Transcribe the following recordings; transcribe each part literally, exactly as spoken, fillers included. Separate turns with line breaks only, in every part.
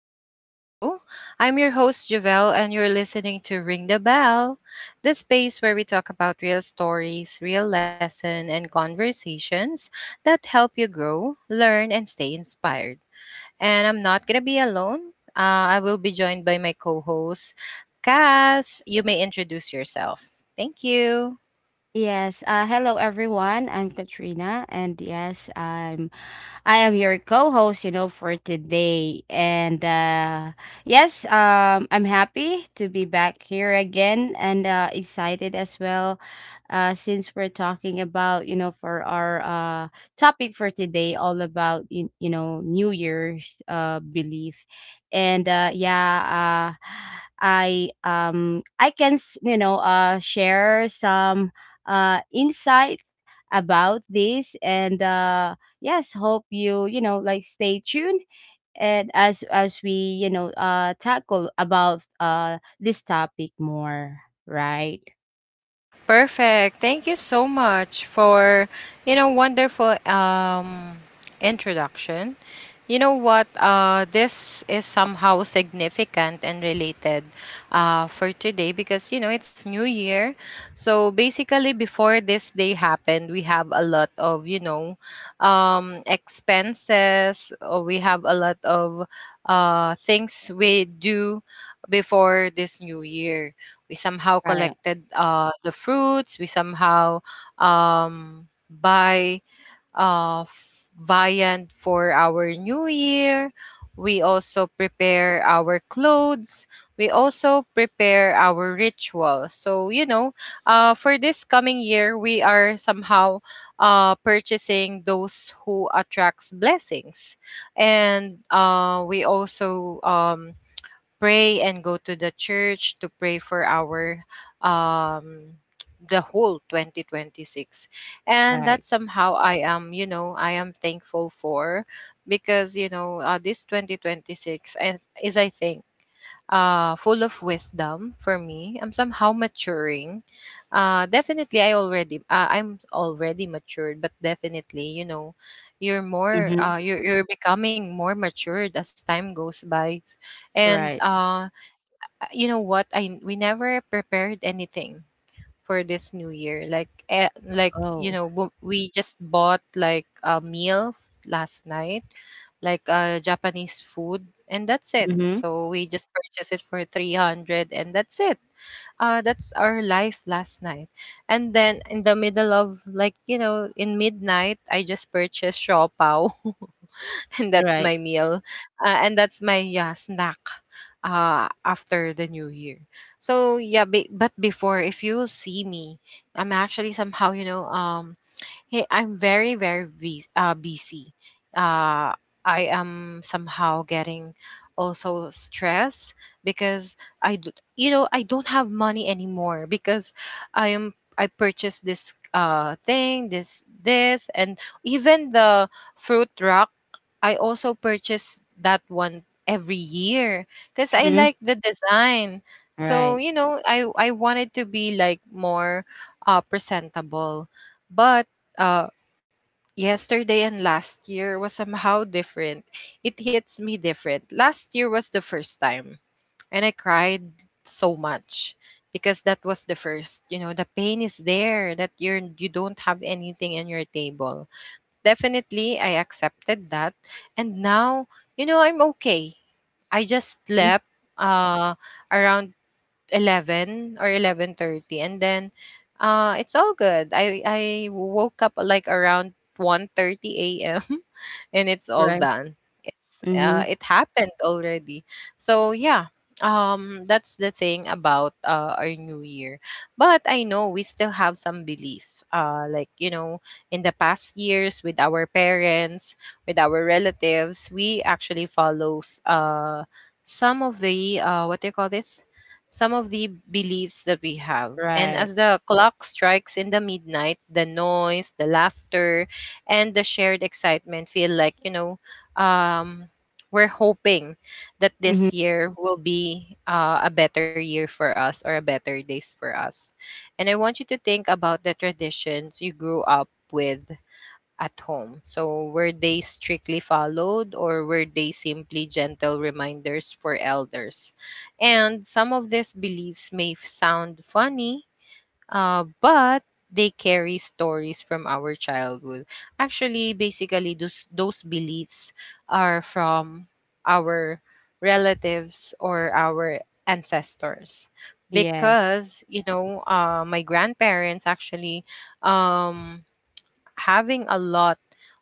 back to the show. I'm your host Javelle and you're listening to Ring the Bell, the space where we talk about real stories, real lesson and conversations that help you grow, learn and stay inspired. And I'm not going to be alone. Uh, I will be joined by my co-host Kath. You may introduce yourself. Thank you.
Yes. Uh, hello, everyone. I'm Katrina, and yes, I'm I am your co-host, you know, for today. And uh Yes, um I'm happy to be back here again and uh excited as well, uh since we're talking about, you know, for our uh topic for today, all about you, you know, New Year's uh belief. And uh Yeah, uh I um I can, s- you know, uh share some uh insight about this, and uh yes, hope you you know like stay tuned, and as as we you know uh tackle about uh this topic more. Right.
Perfect. Thank you so much for, you know, wonderful um introduction. You know what? Uh, this is somehow significant and related uh, for today because, you know, it's New Year. So basically, before this day happened, we have a lot of, you know, um, expenses, or we have a lot of uh, things we do before this New Year. We somehow
Right.
collected uh, the fruits. We somehow um, buy uh, f- viand for our new year. We also prepare our clothes. We also prepare our ritual. So, you know, uh, for this coming year, we are somehow uh, purchasing those who attracts blessings. And uh, we also um, pray and go to the church to pray for our um the whole twenty twenty-six, and that
Right.
somehow i am you know i am thankful for because you know uh, this twenty twenty-six and is I think uh, full of wisdom for me. I'm somehow maturing. Uh, definitely, I already uh, I'm already matured, but definitely, you know, you're more
Mm-hmm.
uh, you're you're becoming more matured as time goes by. And
Right.
uh, you know what? I We never prepared anything for this new year. Like eh, like you
Oh.
know bu- we just bought like a meal last night, like uh, Japanese food, and that's it.
Mm-hmm.
So we just purchased it for three hundred, and that's it. Uh, that's our life last night. And then in the middle of like you know in midnight, I just purchased shaw pao and that's my
Right.
meal. Uh, and that's my yeah, snack uh, after the new year. So yeah, be- but before, if you see me, I'm actually somehow, you know, um hey, I'm very, very bus- uh, busy. Uh, I am somehow getting also stressed because I, d- you know, I don't have money anymore because I am I purchased this uh thing, this this, and even the fruit rock. I also purchase that one every year because I
Mm-hmm.
like the design. So
Right.
you know, I I wanted to be like more uh presentable, but uh, yesterday and last year was somehow different. It hits me different. Last year was the first time, and I cried so much because that was the first. You know, the pain is there that you're you don't have anything in your table. Definitely, I accepted that, and now you know I'm okay. I just slept uh, around eleven or eleven thirty, and then uh it's all good. I I woke up like around one thirty a m and it's all
Right.
done. It's uh
Mm-hmm.
it happened already. So yeah, um that's the thing about uh, our new year. But I know we still have some belief. Uh like you know, in the past years with our parents, with our relatives, we actually follows uh some of the uh what do you call this, some of the beliefs that we have. And
Right.
as the clock strikes in the midnight, the noise, the laughter, and the shared excitement feel like, you know, um, we're hoping that
Mm-hmm.
this year will be uh, a better year for us or a better days for us. And I want you to think about the traditions you grew up with at home. So, were they strictly followed or were they simply gentle reminders for elders? And some of these beliefs may f- sound funny, uh, but they carry stories from our childhood. Actually, basically, those, those beliefs are from our relatives or our ancestors.
Yes.
Because, you know, uh, my grandparents actually um, having a lot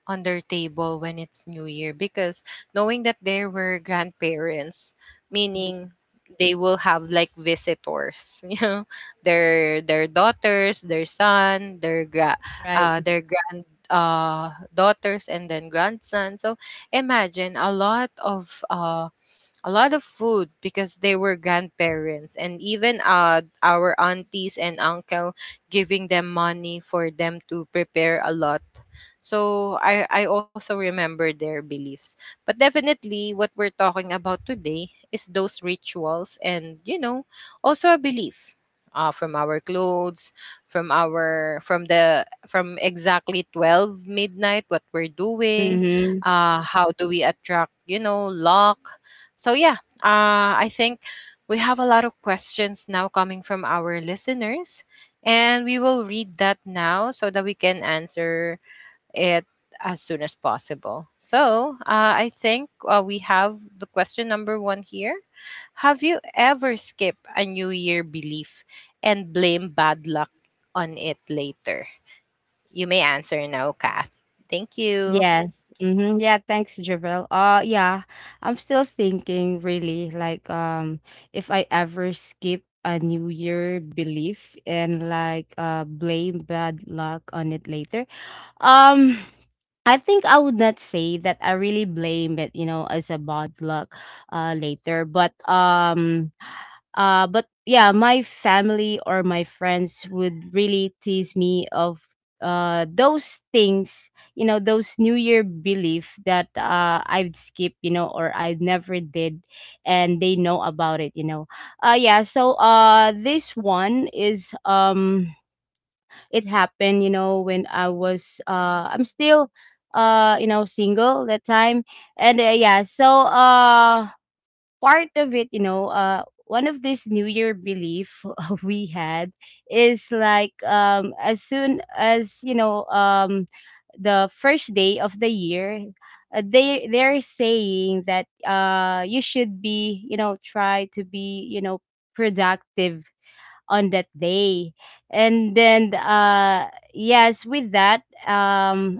on their table when it's New Year because knowing that there were grandparents,
Mm-hmm.
meaning they will have like visitors, you know, their their daughters, their son, their gra-
Right.
uh, their grand uh daughters and then grandson. So imagine a lot of uh a lot of food because they were grandparents and even uh, our aunties and uncle giving them money for them to prepare a lot. So I, I also remember their beliefs, but definitely what we're talking about today is those rituals and you know also a belief uh, from our clothes, from our from the, from exactly twelve midnight, what we're doing,
Mm-hmm.
uh how do we attract you know luck. So yeah, uh, I think we have a lot of questions now coming from our listeners, and we will read that now so that we can answer it as soon as possible. So uh, I think uh, we have the question number one here. Have you ever skipped a New Year belief and blame bad luck on it later? You may answer now, Kath. Thank you.
Yes. Mm-hmm. Yeah, thanks, Javel. Uh yeah, I'm still thinking really, like, um if I ever skip a New Year belief and, like, uh blame bad luck on it later. Um, I think I would not say that I really blame it, you know, as a bad luck uh later. But um uh but yeah, my family or my friends would really tease me of uh those things, you know, those New Year belief that uh I'd skip, you know, or I never did, and they know about it, you know. Uh yeah, so uh this one is, um it happened, you know, when I was uh I'm still uh you know, single that time. And uh, Yeah, so uh part of it, you know, uh one of this new year belief we had is like, um as soon as, you know, um the first day of the year, uh, they they're saying that uh you should be, you know, try to be, you know, productive on that day. And then uh yes, with that, um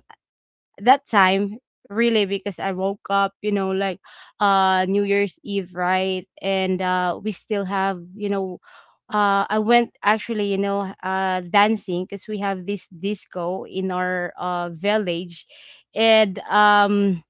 that time, really, because I woke up, you know, like uh new year's eve, right? And uh we still have, you know, uh I went, actually, you know, uh dancing, because we have this disco in our uh village. And um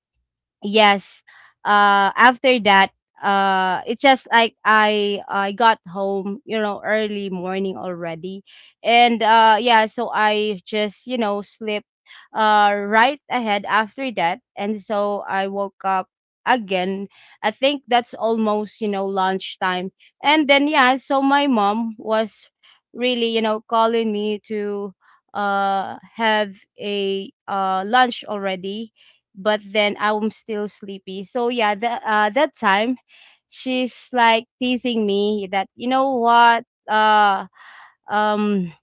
Yes, uh after that, uh it's just like I i got home, you know, early morning already. And uh yeah, so I just, you know, slept uh right ahead after that. And so I woke up again, I think that's almost, you know, lunchtime. And then yeah, so my mom was really, you know, calling me to uh have a uh lunch already, but then I'm still sleepy. So yeah, the, uh, that time she's like teasing me that, you know what, uh um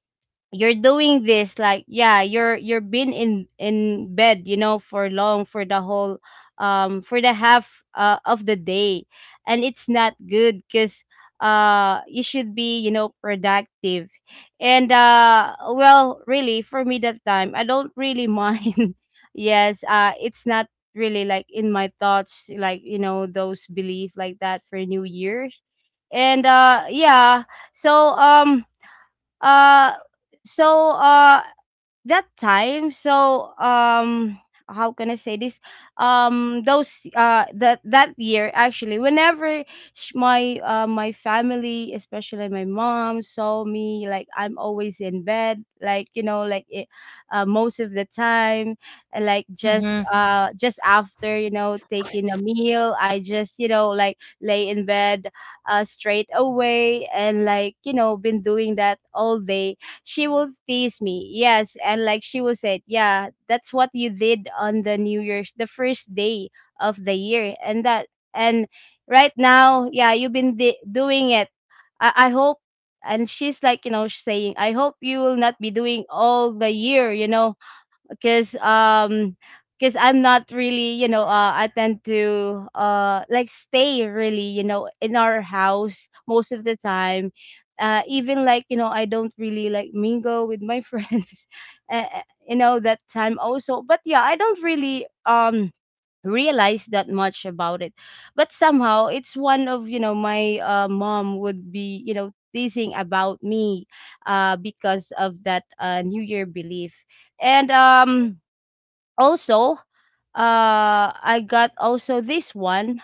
you're doing this, like, yeah, you're you're been in in bed, you know, for long, for the whole um for the half, uh, of the day. And it's not good because uh you should be, you know, productive. And uh well, really, for me, that time, I don't really mind. Yes, uh it's not really, like, in my thoughts, like, you know, those belief like that for new year's. And uh yeah, so um uh, so uh, that time, so, um how can I say this, um those uh that that year, actually, whenever sh- my uh my family, especially my mom, saw me like I'm always in bed, like, you know, like it, uh, most of the time, and, like,
Mm-hmm.
just uh just after, you know, taking a meal, I just, you know, like lay in bed uh straight away, and, like, you know, been doing that all day, she will tease me. Yes, and like she will say, "Yeah, that's what you did on the New Year's, the first day of the year." And that, and right now, yeah, you've been di- doing it. I I hope, and she's like, you know, saying, "I hope you will not be doing all the year, you know." Because um because I'm not really, you know, uh, I tend to uh like stay really, you know, in our house most of the time, uh even, like, you know, I don't really like mingle with my friends, uh, uh, you know, that time also. But yeah, I don't really um realize that much about it. But somehow, it's one of, you know, my uh, mom would be, you know, teasing about me, uh, because of that uh, new year belief. And um also, uh I got also this one,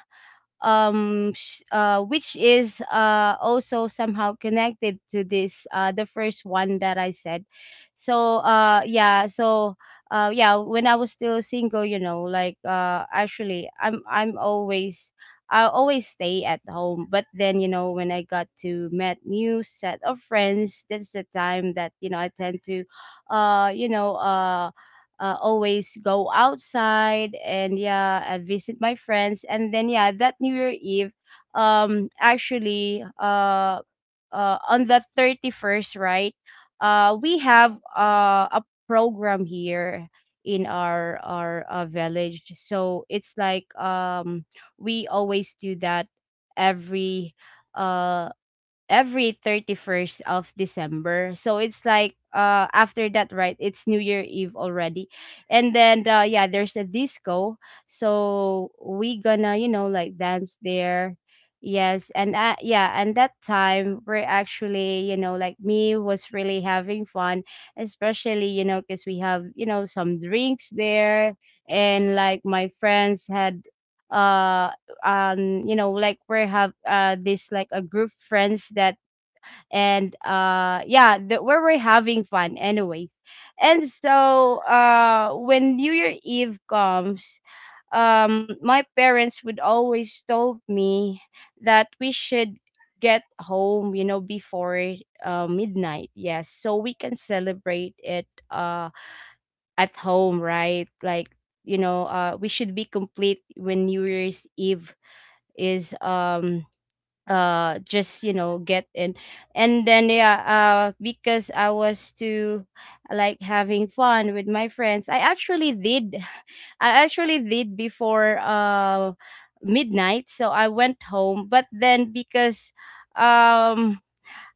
um sh- uh which is uh also somehow connected to this, uh the first one that I said. So uh yeah, so uh yeah, when I was still single, you know, like, uh actually, i'm i'm always, I always stay at home. But then, you know, when I got to met new set of friends, this is the time that, you know, I tend to uh you know uh uh, always go outside. And yeah, I visit my friends. And then yeah, that new year eve, um actually, uh, uh on the thirty-first, right? Uh we have uh, a program here in our our uh, village. So it's like, um we always do that every uh every thirty-first of December. So it's like, uh after that, right, it's new year eve already. And then uh yeah, there's a disco, so we gonna, you know, like, dance there. Yes. And uh, yeah, and that time we're actually, you know, like me, was really having fun, especially, you know, because we have, you know, some drinks there. And like my friends had, uh um you know, like we have uh this like a group friends that. And uh yeah, the, where we're having fun anyways. And so uh when new year eve comes, um my parents would always told me that we should get home, you know, before uh, midnight. Yes, so we can celebrate it uh at home, right? Like, you know, uh we should be complete when new year's eve is, um uh just, you know, get in. And then yeah, uh because I was too, like, having fun with my friends, i actually did I actually did before uh midnight, so I went home. But then, because um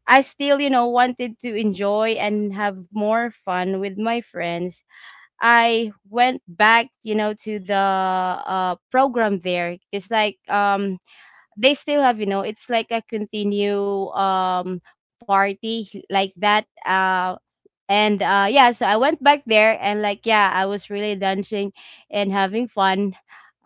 I still, you know, wanted to enjoy and have more fun with my friends, I went back, you know, to the uh program there. It's like, um they still have, you know, it's like a continue, um party, h- like that. Uh and uh Yeah, so I went back there and, like, yeah, I was really dancing and having fun.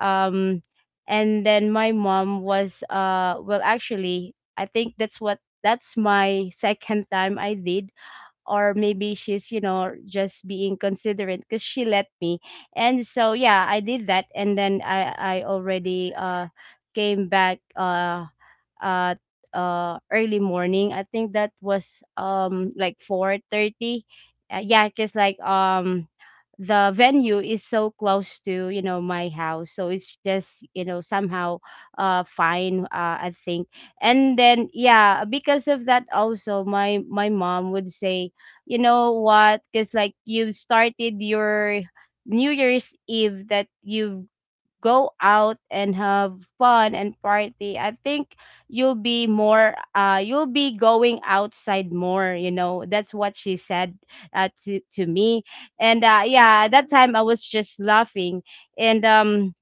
um and then my mom was, uh well, actually, I think that's what, that's my second time I did, or maybe she's, you know, just being considerate, because she let me. And so yeah, I did that. And then i i already uh came back, uh uh uh early morning, I think that was, um like, four thirty. Uh, yeah, because, like, um the venue is so close to, you know, my house, so it's just, you know, somehow uh fine, uh, I think. And then yeah, because of that also, my my mom would say, you know what, because, like, you started your new year's eve that you've go out and have fun and party, I think you'll be more uh you'll be going outside more, you know, that's what she said, uh, to to me. And uh yeah, at that time, I was just laughing. And um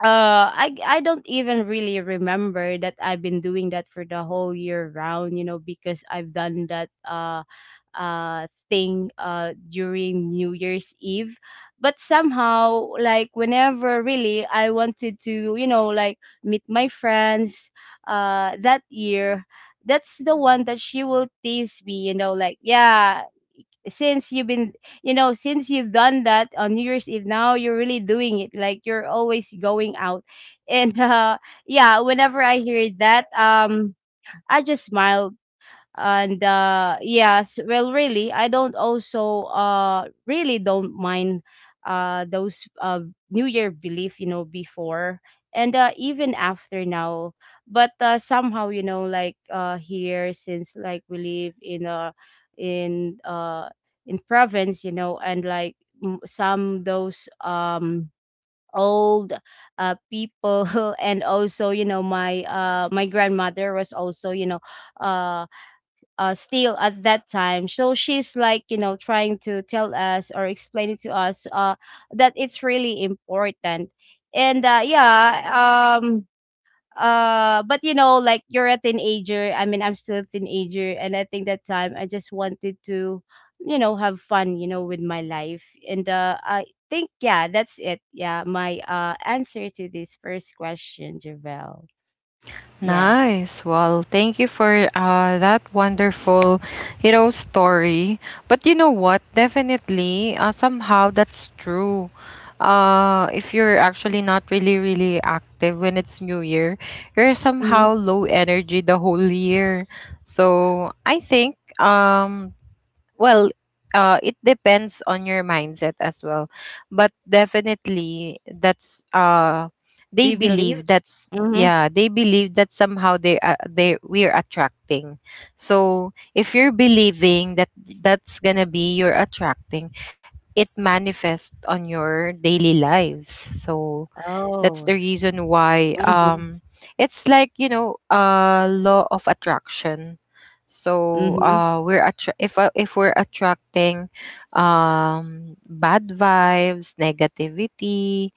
uh I I don't even really remember that I've been doing that for the whole year round, you know, because I've done that uh uh thing uh during New Year's Eve. But somehow, like, whenever really I wanted to, you know, like, meet my friends uh that year, that's the one that she will tease me, you know, like, yeah, since you've been, you know, since you've done that on new year's eve, now you're really doing it, like, you're always going out. And uh yeah, whenever I hear that, um I just smile. And uh yes, well, really, I don't also uh really don't mind uh those uh new year belief, you know, before, and uh even after now. But uh somehow, you know, like, uh here, since, like, we live in uh in uh in province, you know, and, like, m- some those um old uh people and also, you know, my uh my grandmother was also, you know, uh uh, still at that time. So she's like, you know, trying to tell us or explain it to us, uh, that it's really important. And uh, yeah, um, uh, but you know, like, you're a teenager, I mean, I'm still a teenager, and I think that time I just wanted to, you know, have fun, you know, with my life. And uh, I think, yeah, that's it. Yeah, my uh answer to this first question, Javel. Yes.
Nice. Well, thank you for uh, that wonderful, you know, story. But you know what? Definitely, uh, somehow that's true. Uh, if you're actually not really, really active when it's New Year, you're somehow
Mhm.
low energy the whole year. So I think um, well, uh, it depends on your mindset as well. But definitely, that's uh,
Do
they
you believe?
believe that's
Mm-hmm.
yeah, they believe that somehow they uh, they we are attracting. So if you're believing that that's gonna be you're attracting, it manifests on your daily lives. So that's
Oh.
the reason why um it's like, you know, uh law of attraction. So
Mhm.
uh we're attra- if uh, if we're attracting um bad vibes, negativity,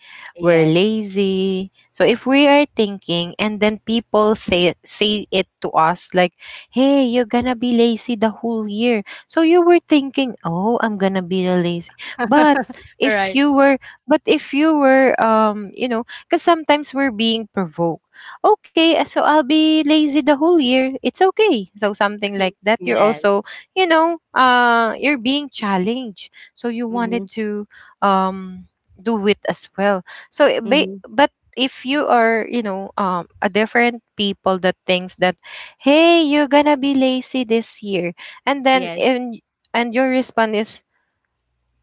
we're
Yes.
lazy. So if we are thinking and then people say say it to us like, "Hey, you're going to be lazy the whole year." So you were thinking, "Oh, I'm going to be lazy." But if
Right.
you were but if you were um you know because sometimes we're being provoked. Okay, uh, so I'll be lazy the whole year. It's okay. So something
Mhm.
like that. You're
Yes.
also, you know, uh, you're being challenged. So you
Mhm.
wanted to um do it as well. So it ba-
Mhm.
but if you are, you know, um, a different people that thinks that, hey, you're gonna be lazy this year, and then
Yes.
and and your response is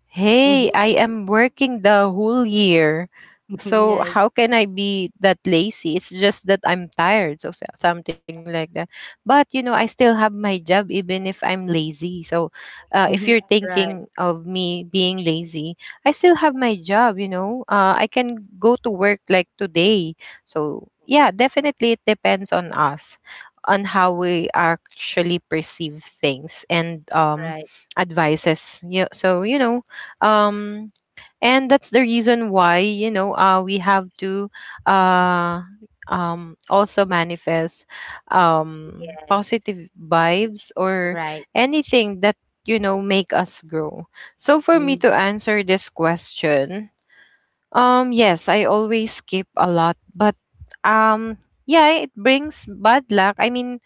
hey,
Mhm.
I am working the whole year. So
Yes.
how can I be that lazy? It's just that I'm tired. So so- something like that. But you know, I still have my job even if I'm lazy. So uh, if
Mhm.
you're
Right.
thinking of me being lazy, I still have my job, you know. Uh, I can go to work like today. So yeah, definitely it depends on us on how we actually perceive things and um
Right.
advices. Yeah, so you know, um and that's the reason why you know uh we have to uh um also manifest um
Yes.
positive vibes or
Right.
anything that you know make us grow. So for me
Mhm.
to answer this question, um yes I always skip a lot, but um yeah it brings bad luck. I mean,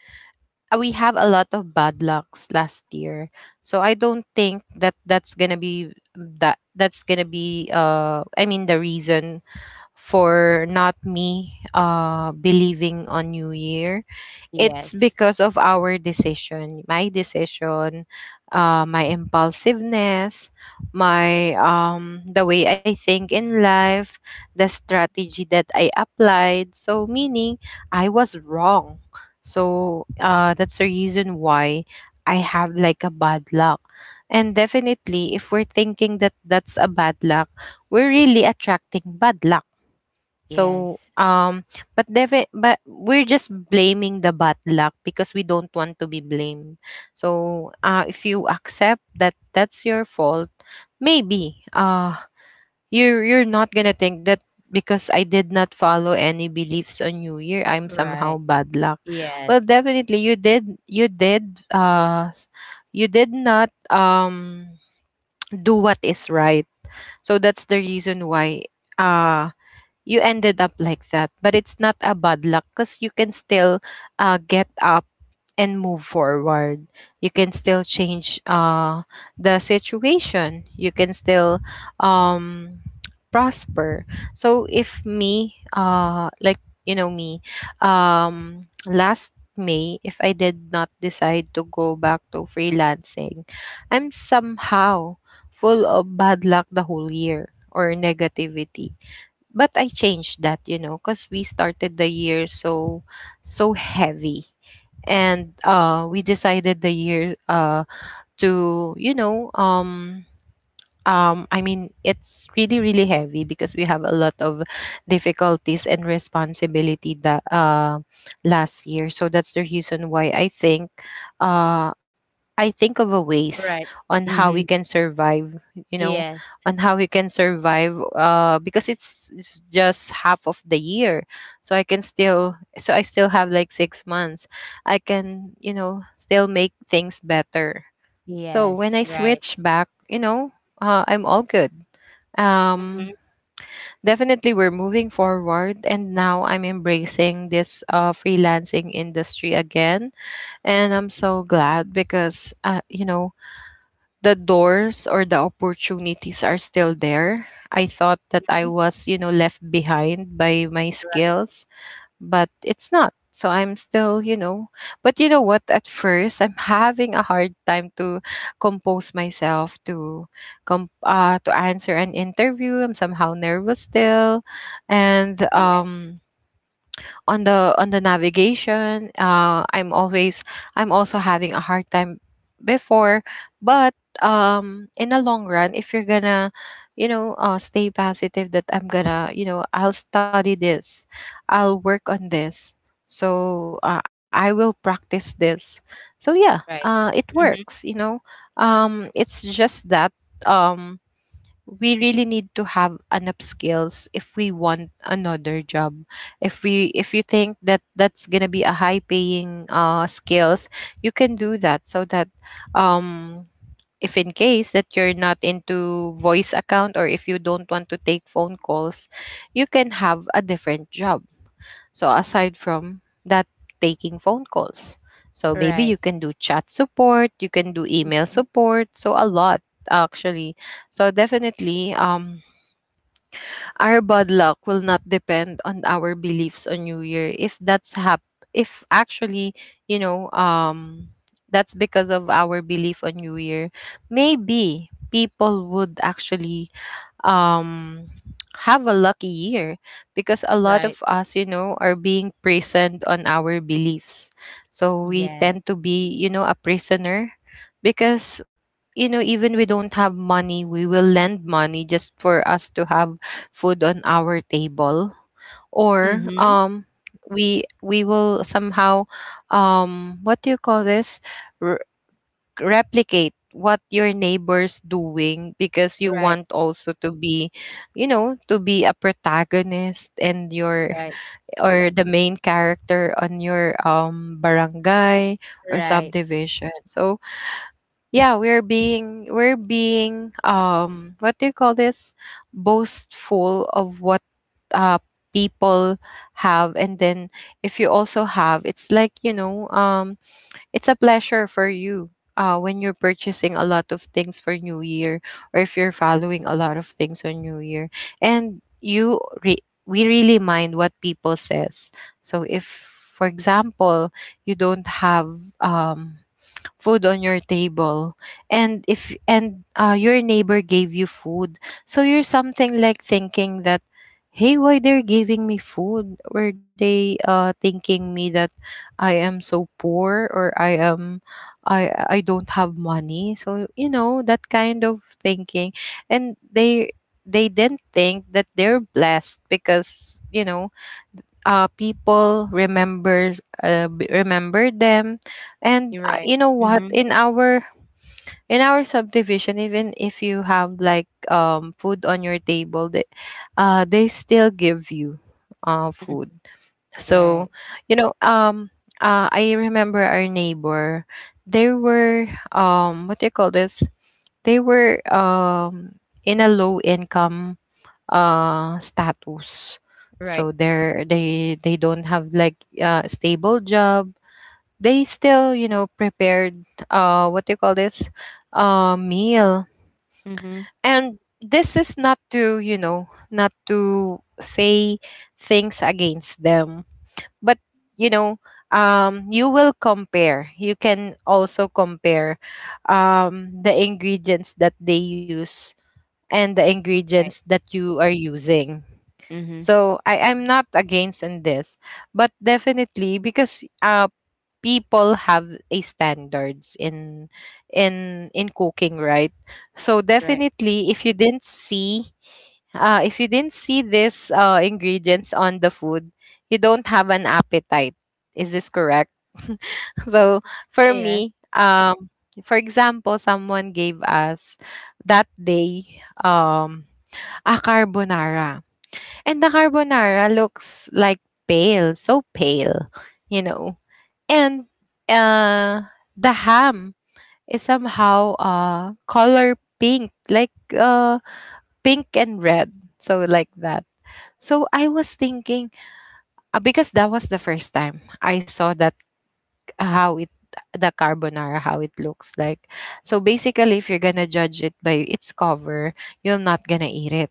uh, we have a lot of bad lucks last year. So I don't think that that's going to be that that's going to be uh I mean the reason for not me uh believing on new year, it's
Yes.
because of our decision, my decision, uh, my impulsiveness, my um, the way I think in life, the strategy that I applied. So meaning I was wrong. So uh, that's the reason why I have like a bad luck. And definitely, if we're thinking that that's a bad luck, we're really attracting bad luck, so,
Yes.
um, but defi- but we're just blaming the bad luck because we don't want to be blamed. So, uh, if you accept that that's your fault, maybe uh, you're you're not gonna think that because I did not follow any beliefs on New Year, I'm somehow
Right.
bad luck. Well,
Yes.
definitely you did you did uh you did not um do what is right. So that's the reason why uh you ended up like that. But it's not a bad luck because you can still uh, get up and move forward. You can still change uh, the situation. You can still um, prosper. So if me, uh, like, you know me, um, last May, if I did not decide to go back to freelancing, I'm somehow full of bad luck the whole year or negativity, but I changed that, you know, because we started the year so so heavy, and uh, we decided the year uh, to you know um um I mean it's really really heavy because we have a lot of difficulties and responsibility that uh last year. So that's the reason why I think uh I think of a ways
Right.
on how we
Mhm.
can survive, you know,
Yes.
on how we can survive uh because it's, it's just half of the year. So I can still so I still have like six months. I can, you know, still make things better. So when
Yes.
I
Right.
switch back, you know, uh, I'm all good.
Mhm.
Um Definitely we're moving forward, and now I'm embracing this uh freelancing industry again, and I'm so glad because uh, you know, the doors or the opportunities are still there. I thought that
Mhm.
I was, you know, left behind by my
Right.
skills, but it's not. So I'm still, you know, but you know what? At first, I'm having a hard time to compose myself to com- uh, to answer an interview. I'm somehow nervous still, and
Yes.
um, on the on the navigation, uh I'm always i'm also having a hard time before, but um in the long run, if you're gonna, you know, uh stay positive that I'm gonna, you know, I'll study this, I'll work on this, so uh, I will practice this. So yeah,
Right.
uh it works,
Mhm.
you know. Um it's just that, um we really need to have enough skills if we want another job. If we, if you think that that's going to be a high paying uh skills, you can do that, so that, um if in case that you're not into voice account, or if you don't want to take phone calls, you can have a different job. So aside from that, taking phone calls. So maybe
Right.
you can do chat support, you can do email
Mhm.
support. So a lot, actually. So definitely, um, our bad luck will not depend on our beliefs on New Year. If that's hap, if actually, you know, um, that's because of our belief on New Year. Maybe people would actually um have a lucky year, because a lot
Right.
of us, you know, are being prisoned on our beliefs. So we tend
Yes.
to be, you know, a prisoner, because, you know, even we don't have money, we will lend money just for us to have food on our table, or
Mhm.
um we we will somehow, um what do you call this, replicate what your neighbor's doing, because you
Right.
want also to be, you know, to be a protagonist and your,
Right.
or the main character on your um barangay or
Right.
subdivision. So yeah, we're being, we're being um what do you call this, boastful of what uh people have. And then if you also have, it's like, you know, um it's a pleasure for you uh, when you're purchasing a lot of things for New Year, or if you're following a lot of things on New Year. And you re- we really mind what people says. So if, for example, you don't have um food on your table, and if and uh, your neighbor gave you food, so you're something like thinking that, hey, why they're giving me food? Were they uh thinking me that I am so poor, or I am, i i don't have money? So you know, that kind of thinking. And they they didn't think that they're blessed, because, you know, uh, people remember, uh, b- remember them.
You're
And uh,
right.
you know what,
Mhm,
in our in our subdivision, even if you have like um food on your table, they, uh they still give you uh
mm,
food.
right,
So, you know, um uh, I remember our neighbor. They were, um what do you call this, they were, um in a low income uh, status.
right.
So they're, they they don't have like uh stable job. They still, you know, prepared, uh what do you call this, uh meal.
Mhm,
And this is not to, you know, not to say things against them, but, you know, um you will compare, you can also compare um the ingredients that they use and the
right.
ingredients that you are using.
Mhm,
So I, I'm not against in this, but definitely because uh people have a standards in in in cooking, right? So
right.
definitely if you didn't see, uh if you didn't see this uh ingredients on the food, you don't have an appetite. Is this correct? So for
Yeah.
me, um for example, someone gave us that day um a carbonara, and the carbonara looks like pale, so pale, you know. And uh the ham is somehow uh color pink, like uh pink and red. So like that. So I was thinking, uh, because that was the first time I saw that, how it, the carbonara how it looks like. So basically if you're going to judge it by its cover, you're not going to eat it,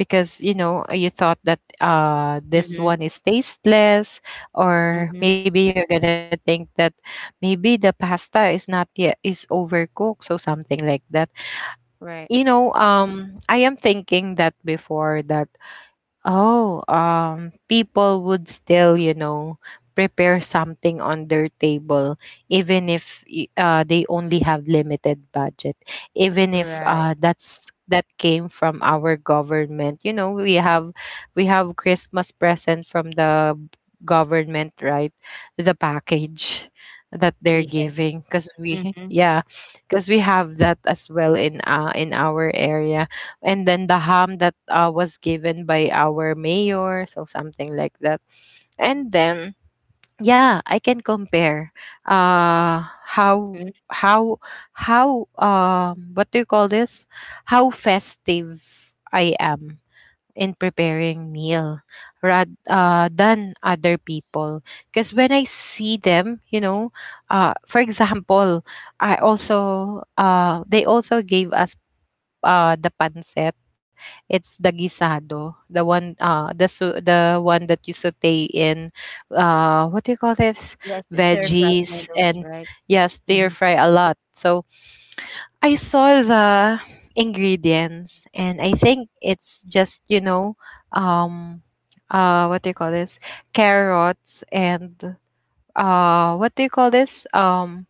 because you know, you thought that uh this
Mhm,
one is tasteless, or
mhm,
maybe you're gonna think that maybe the pasta is not yet, is overcooked, so something like that.
right,
You know, um I am thinking that before that. Oh, um, people would still, you know, prepare something on their table, even if y- uh, they only have limited budget. Even if
right.
uh, that's, that came from our government. You know, we have, we have Christmas present from the government, right? The package that they're
Yes.
giving, because we
Mhm,
yeah, because we have that as well in uh in our area. And then the ham that uh, was given by our mayor, so something like that. And then, yeah, I can compare uh how
mhm.
how how, um what do you call this, how festive I am in preparing meal, rather uh, than other people. Because when I see them, you know, uh, for example, I also uh, they also gave us uh, the pancit. It's the guisado, the one, uh, the su the one that you sauté in, uh, what do you call this?
Yes, the stir-fried
Veggies,
noodles,
and
right?
yeah, stir
Mhm,
fry a lot. So I saw the ingredients, and I think it's just, you know, um, uh, what do you call this? Carrots and, uh, what do you call this? Um,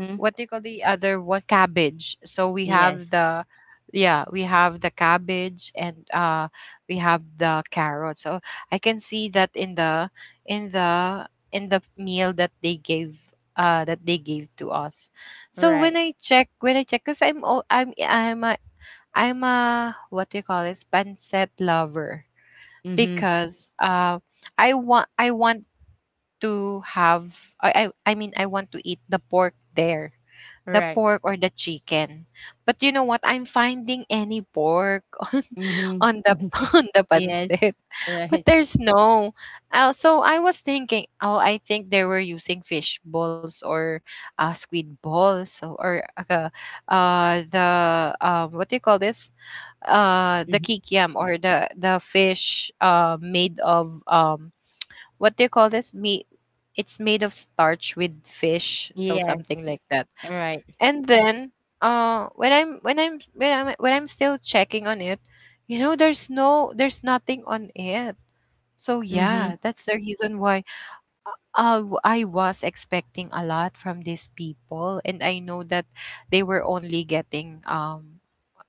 mhm.
what do you call the other one, cabbage? So we have
Yes,
the, yeah, we have the cabbage, and uh we have the carrot. So I can see that in the, in the in the meal that they gave, uh that they gave to us. So when
right.
I check, when i check because i'm al- i'm i'm a, I'm a, what do you call this, pancet lover,
Mhm,
because uh i want I want to have I, I i mean I want to eat the pork there, the
right.
pork or the chicken. But you know what? I'm finding any pork
Mhm,
on the
mhm.
on the
Yes,
pancit. But
right.
there's no. Uh, so I was thinking, oh, I think they were using fish balls, or uh, squid balls, or, or uh, uh, the uh, what do you call this? Uh, the
Mhm.
kikiam, or the the fish uh, made of, um what do you call this? Me, it's made of starch with fish, so
Yes,
something like that.
right.
And then, uh when i'm when i'm when i'm when I'm still checking on it, you know, there's no, there's nothing on it. So yeah,
Mhm,
that's the reason why, uh, w- I was expecting a lot from these people, and I know that they were only getting, um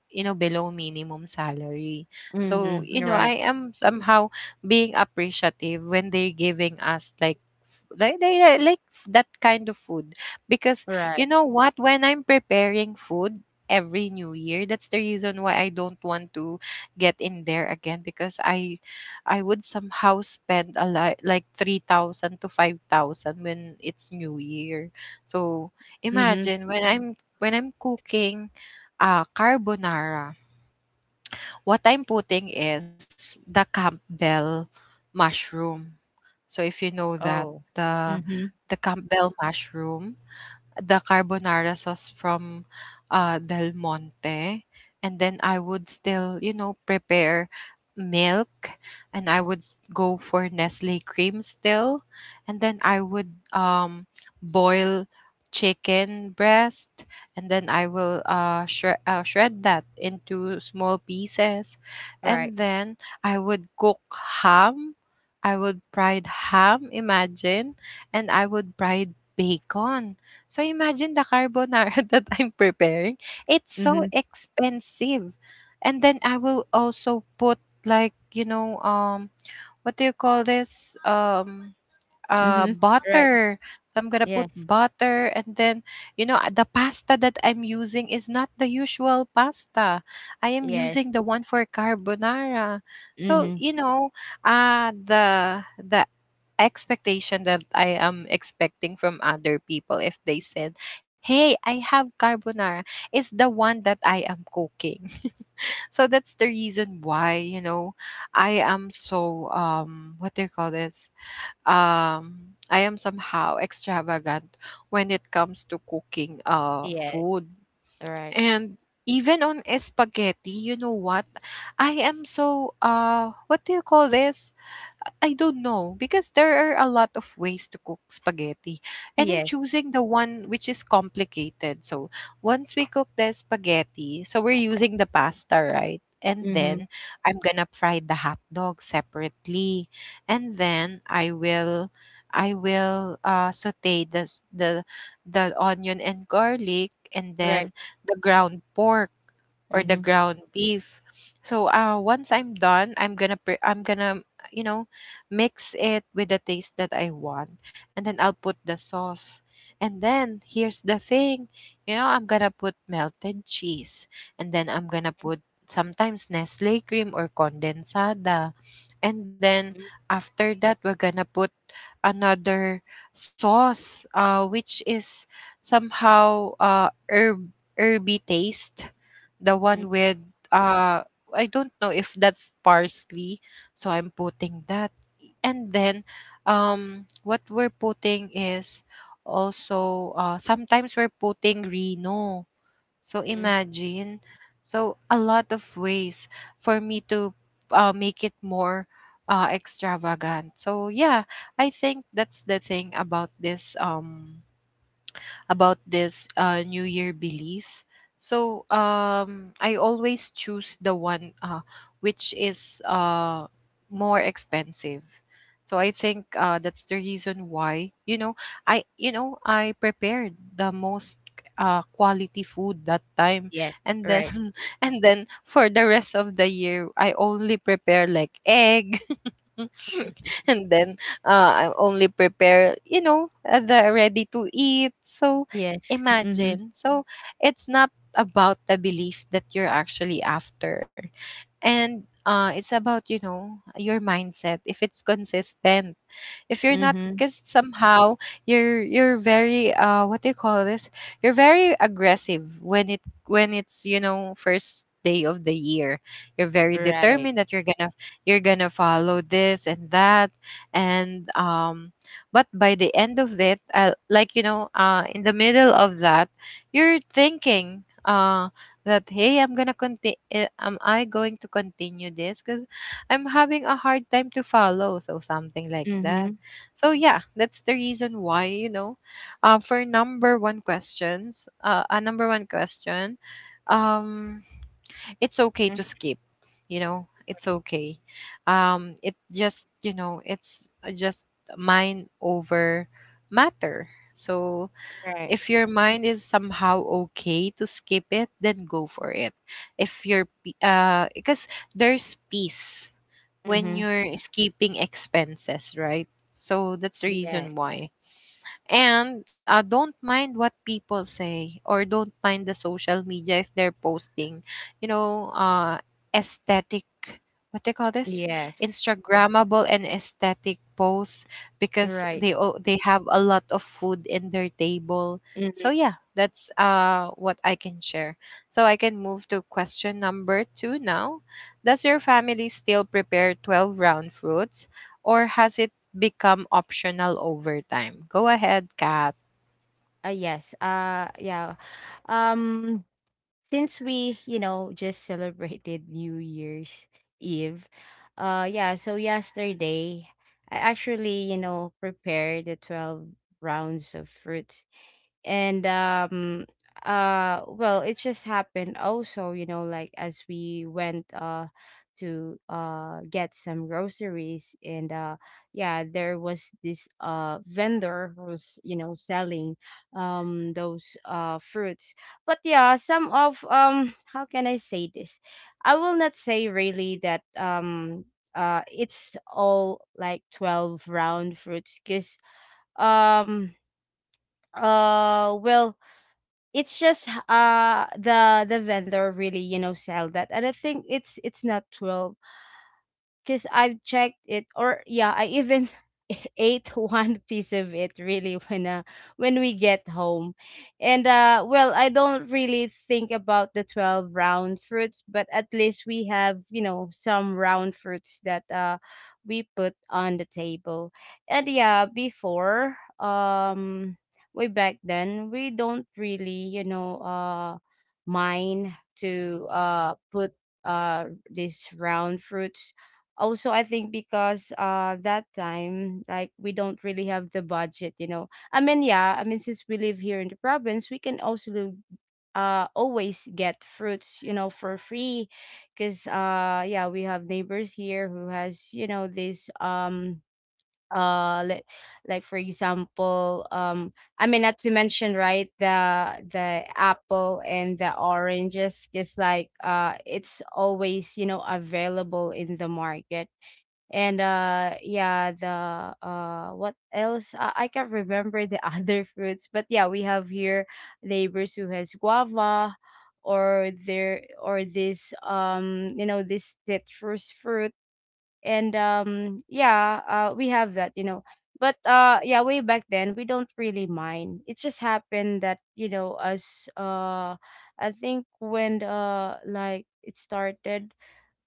you know, below minimum salary. So,
mhm.
you know, I
Right,
am somehow being appreciative when they're giving us like f- like they like like f- that kind of food. Because, you
right.
know what, when I'm preparing food every new year, that's the reason why I don't want to get in there again, because i i would somehow spend a lot, like three thousand to five thousand when it's new year. So
Mhm.
imagine, when i'm when I'm cooking, ah, carbonara. What I'm putting is the Campbell mushroom. So if you know that,
Oh.
the
Mhm,
the Campbell mushroom, the carbonara sauce from, uh, Del Monte. And then I would still, you know, prepare milk, and I would s- go for Nestle cream still. And then I would, um, boil chicken breast, and then I will uh, shre- uh, shred that into small pieces. And
right.
then I would cook ham. I would fried ham, imagine. And I would fried bacon, so imagine the carbonara that I'm preparing. It's so
Mhm,
expensive. And then I will also put like, you know, um what do you call this? Um uh
mhm. Right.
butter. So I'm gonna put
Yes,
butter. And then, you know, uh, the pasta that I'm using is not the usual pasta. I am
yes.
using the one for carbonara. So,
Mhm.
you know, uh the the expectation that I am expecting from other people, if they said, "Hey, I have carbonara," is the one that I am cooking. So that's the reason why, you know, I am so, um what do you call this, um, I am somehow extravagant when it comes to cooking uh,
Yes,
food.
All right.
And even on spaghetti, you know what? I am so, uh, what do you call this? I don't know, because there are a lot of ways to cook spaghetti, and I'm
Yes.
choosing the one which is complicated. So once we cook the spaghetti, so we're using the pasta, right? And then
Mhm.
I'm gonna fry the hot dog separately, and then I will, I will uh, saute the s- the the onion and garlic, and then
Right.
the ground pork or the
Mhm.
ground beef. So uh, once I'm done, I'm gonna pre- I'm gonna you know mix it with the taste that I want, and then I'll put the sauce. And then here's the thing, you know, I'm gonna put melted cheese, and then I'm gonna put sometimes Nestle cream or condensada, and then
Mhm.
after that we're gonna put another sauce, uh, which is somehow uh herb herby taste, the
Mhm.
one with uh I don't know if that's parsley, so I'm putting that. And then um what we're putting is also uh sometimes we're putting Reno. So
mhm.
imagine. So a lot of ways for me to uh, make it more uh extravagant. So yeah, I think that's the thing about this um about this uh, New Year belief. So um, I always choose the one uh, which is uh, more expensive. So I think uh, that's the reason why you know I you know I prepared the most uh, quality food that time,
Yes,
and then
right.
and then for the rest of the year I only prepare like egg and then uh, I only prepare, you know, uh, the ready to eat. So
Yes. Mhm.
imagine. So it's not about the belief that you're actually after, and uh, it's about you know your mindset. If it's consistent, if you're not,
Mhm.
because somehow you're you're very uh what do you call this you're very aggressive when it when it's you know first day of the year. You're very
Right.
determined that you're gonna, you're gonna follow this and that. And um but by the end of it, uh, like you know uh in the middle of that, you're thinking uh that, hey, I'm gonna continue, am I going to continue this, because I'm having a hard time to follow, so something like that.
Mhm.
So yeah, that's the reason why you know. Uh, for number one questions, uh, A number one question, um, it's okay
Mhm.
to skip. You know, it's okay. Um, it just you know, it's just mind over matter. So
Right.
if your mind is somehow okay to skip it, then go for it. If you're, pe- uh, Because there's peace
Mhm.
when you're escaping expenses, right? So that's the
Yeah.
reason why. And uh, don't mind what people say or don't mind the social media if they're posting, you know, uh, aesthetic, what they call this?
Yes.
Instagrammable and aesthetic posts because
Right.
they o- they have a lot of food in their table. So
Mhm.
yeah, that's uh what I can share. So I can move to question number two now. Does your family still prepare twelve round fruits, or has it become optional over time? Go ahead, Kat.
Uh, yes. Uh yeah. Um since we, you know, just celebrated New Year's Eve. Uh yeah, so yesterday I actually, you know, prepared the twelve rounds of fruits. And um uh well it just happened also, you know, like as we went uh to uh get some groceries. And uh yeah, there was this uh vendor who's, you know, selling um those uh fruits. But yeah, some of, um how can I say this, I will not say really that, um uh it's all like twelve round fruits because, um uh well, it's just h- uh the the vendor really, you know, sell that. And I think it's it's natural because I've checked it, or yeah, I even ate one piece of it really when, uh, when we get home, and uh, well, I don't really think about the twelve round fruits, but at least we have, you know, some round fruits that uh we put on the table, and yeah, before, um way back then, we don't really, you know, uh mind to uh put uh these round fruits also. I think because uh that time, like, we don't really have the budget, you know, I mean, yeah, I mean, since we live here in the province, we can also uh always get fruits, you know, for free, because, uh yeah, we have neighbors here who has, you know, this, um uh like, like for example, um I mean, not to mention, right, the the apple and the oranges is like, uh it's always, you know, available in the market. And uh yeah, the, uh what else, uh, I can't remember the other fruits, but yeah, we have here neighbors who has guava, or there, or this, um you know, this citrus fruit. And um yeah, uh we have that, you know. But, uh yeah, way back then, we don't really mind. It just happened that, you know, us, uh I think when, uh like, it started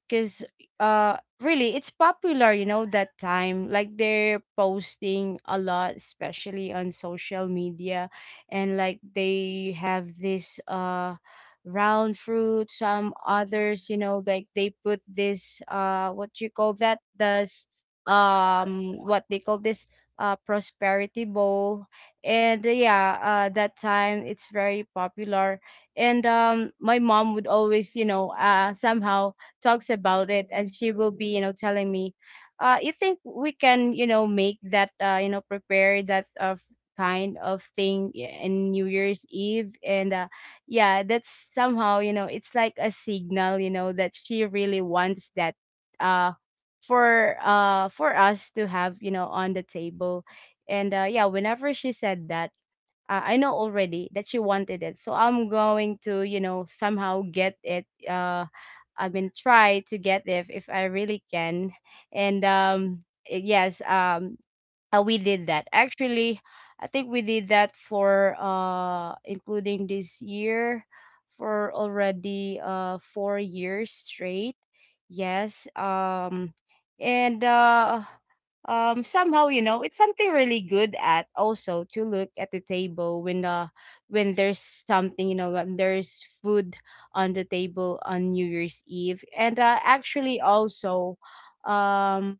because, uh really, it's popular, you know, that time, like, they're posting a lot, especially on social media. And like they have this uh round fruit. Some others, you know, like, they put this, uh what you call that, does, um what they call this, uh prosperity bowl. And uh, yeah, uh that time it's very popular. And um my mom would always, you know, uh somehow talks about it, and she will be, you know, telling me, uh you think we can, you know, make that, uh you know, prepare that, uh, kind of thing i- in New Year's Eve, and uh, yeah, that's somehow, you know, it's like a signal, you know, that she really wants that uh for uh for us to have, you know, on the table. And uh yeah, whenever she said that, uh, I know already that she wanted it. So I'm going to, you know, somehow get it. Uh, I mean, try to get if if I really can. And um, eh, yes, um, uh, we did that actually. I think we did that for, uh including this year, for already uh four years straight. Yes. um and uh um Somehow, you know, it's something really good at also to look at the table when, uh when there's something, you know, when there's food on the table on New Year's Eve. And uh actually, also, um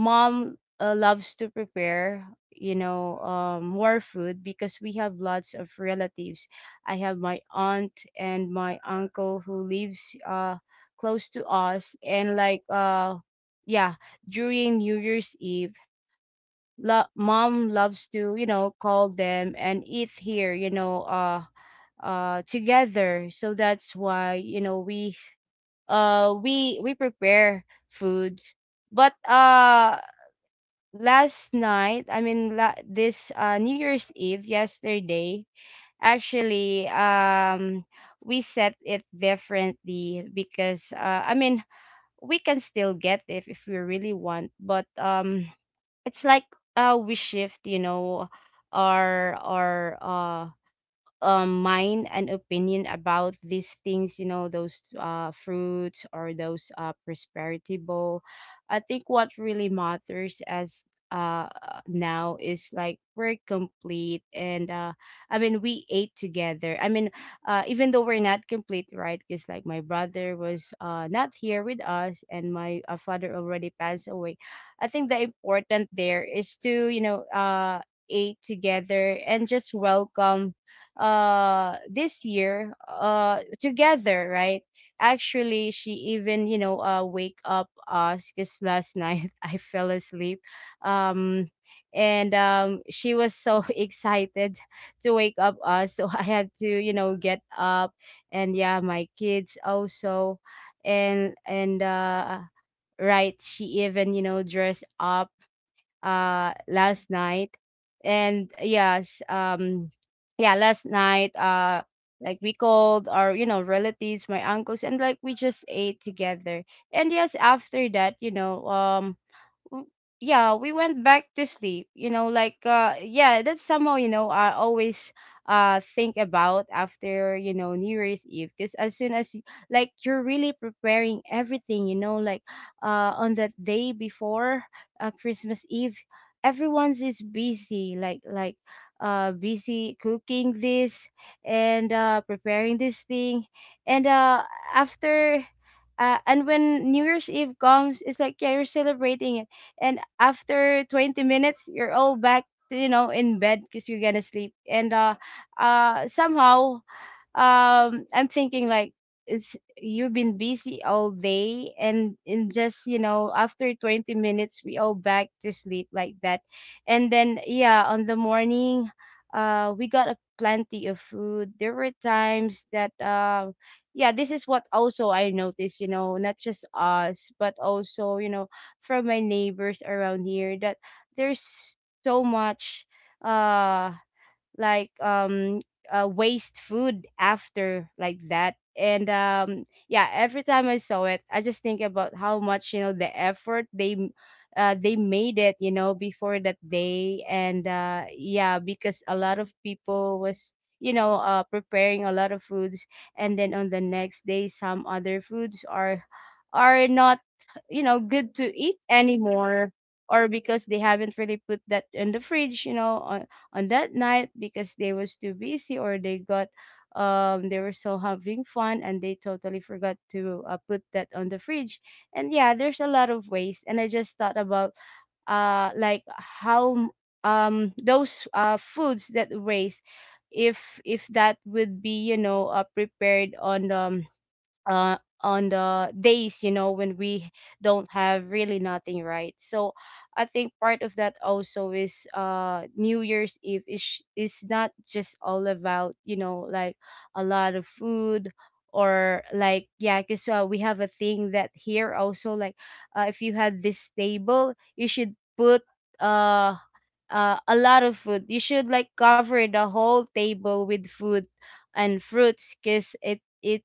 Mom, uh, loves to prepare, you know, um, more food because we have lots of relatives. I have my aunt and my uncle who lives uh close to us, and like, uh, yeah, during New Year's Eve, lo- mom loves to, you know, call them and eat here, you know, uh, uh together. So that's why, you know, we uh we we prepare foods. But, uh last night, I mean, la- this, uh, New Year's Eve, yesterday, actually, um we set it differently because, uh, I mean, we can still get it if we really want, but, um it's like, uh we shift, you know, our our uh um mind and opinion about these things, you know, those uh fruits or those uh prosperity bowl. I think what really matters as, uh now, is like we're complete, and uh I mean we ate together. I mean, uh even though we're not complete, right? Because like my brother was uh not here with us, and my, uh, father already passed away. I think the important there is to, you know, uh ate together and just welcome uh this year uh together, right? Actually, she even, you know, uh wake up us because last night I fell asleep. Um and um She was so excited to wake up us, so I had to, you know, get up, and yeah, my kids also. And and uh right, she even, you know, dressed up uh last night. And yes, um yeah, last night, uh like, we called our, you know, relatives, my uncles, and like we just ate together. And yes, after that, you know, um w- yeah, we went back to sleep. You know, like, uh yeah, that's somehow, you know, I always uh think about after, you know, New Year's Eve, because as soon as y- like you're really preparing everything, you know, like, uh on that day before, uh, Christmas Eve, everyone's is busy, like like uh busy cooking this, and uh preparing this thing, and uh after uh, and when New Year's Eve comes, it's like yeah, you're celebrating it, and after twenty minutes you're all back to, you know, in bed because you're gonna sleep. And uh uh Somehow, um I'm thinking like it's you've been busy all day, and in just, you know, after twenty minutes we all back to sleep like that. And then yeah, on the morning, uh we got a plenty of food. There were times that, uh yeah, this is what also I noticed, you know, not just us but also, you know, from my neighbors around here, that there's so much, uh like um uh, waste food after, like that. And um yeah, every time I saw it, I just think about how much, you know, the effort they m- uh, they made it, you know, before that day. And uh yeah, because a lot of people was, you know, uh preparing a lot of foods, and then on the next day, some other foods are are not, you know, good to eat anymore, or because they haven't really put that in the fridge, you know, uh, on that night because they was too busy, or they got, um they were so having fun and they totally forgot to, uh, put that on the fridge. And yeah, there's a lot of waste. And I just thought about, uh like, how, um those uh foods that waste, if if that would be, you know, uh, prepared on, um uh on the days, you know, when we don't have really nothing, right? So I think part of that also is, uh new year's eve is, sh- is not just all about, you know, like, a lot of food, or like, yeah, because, uh, we have a thing that here also, like, uh, if you had this table you should put uh uh, a lot of food. You should like cover the whole table with food and fruits, because it it's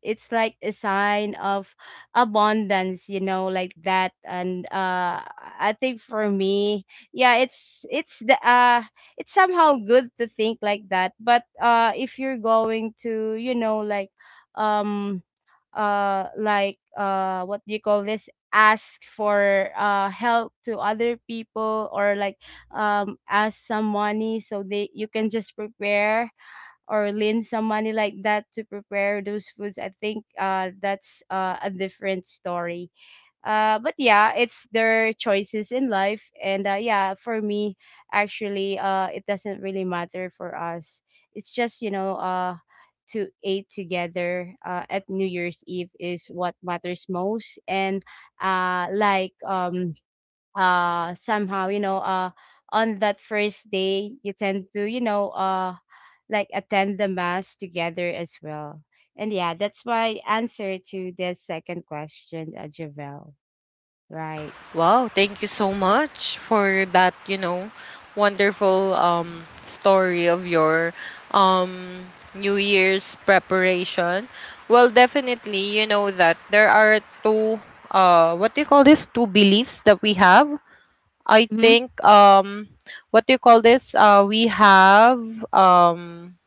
it's like a sign of abundance, you know, like that. And uh, I think for me, yeah, it's it's the uh, it's somehow good to think like that. But uh, if you're going to, you know, like, um uh like uh what do you call this, ask for uh help to other people, or like, um ask some money so they you can just prepare, or lend some money like that to prepare those foods. I think uh that's, uh, a different story. Uh but yeah, it's their choices in life. And uh yeah, for me, actually, uh it doesn't really matter for us. It's just, you know, uh to eat together, uh, at New Year's Eve is what matters most. And uh like um uh Somehow, you know, uh on that first day, you tend to, you know, uh like attend the mass together as well. And yeah, that's my answer to this second question, uh, Javel. Right.
Wow, thank you so much for that, you know, wonderful um story of your um New Year's preparation. Well, definitely, you know that there are two uh what do you call this? two beliefs that we have. I
Mhm.
think um what do you call this? Uh we have um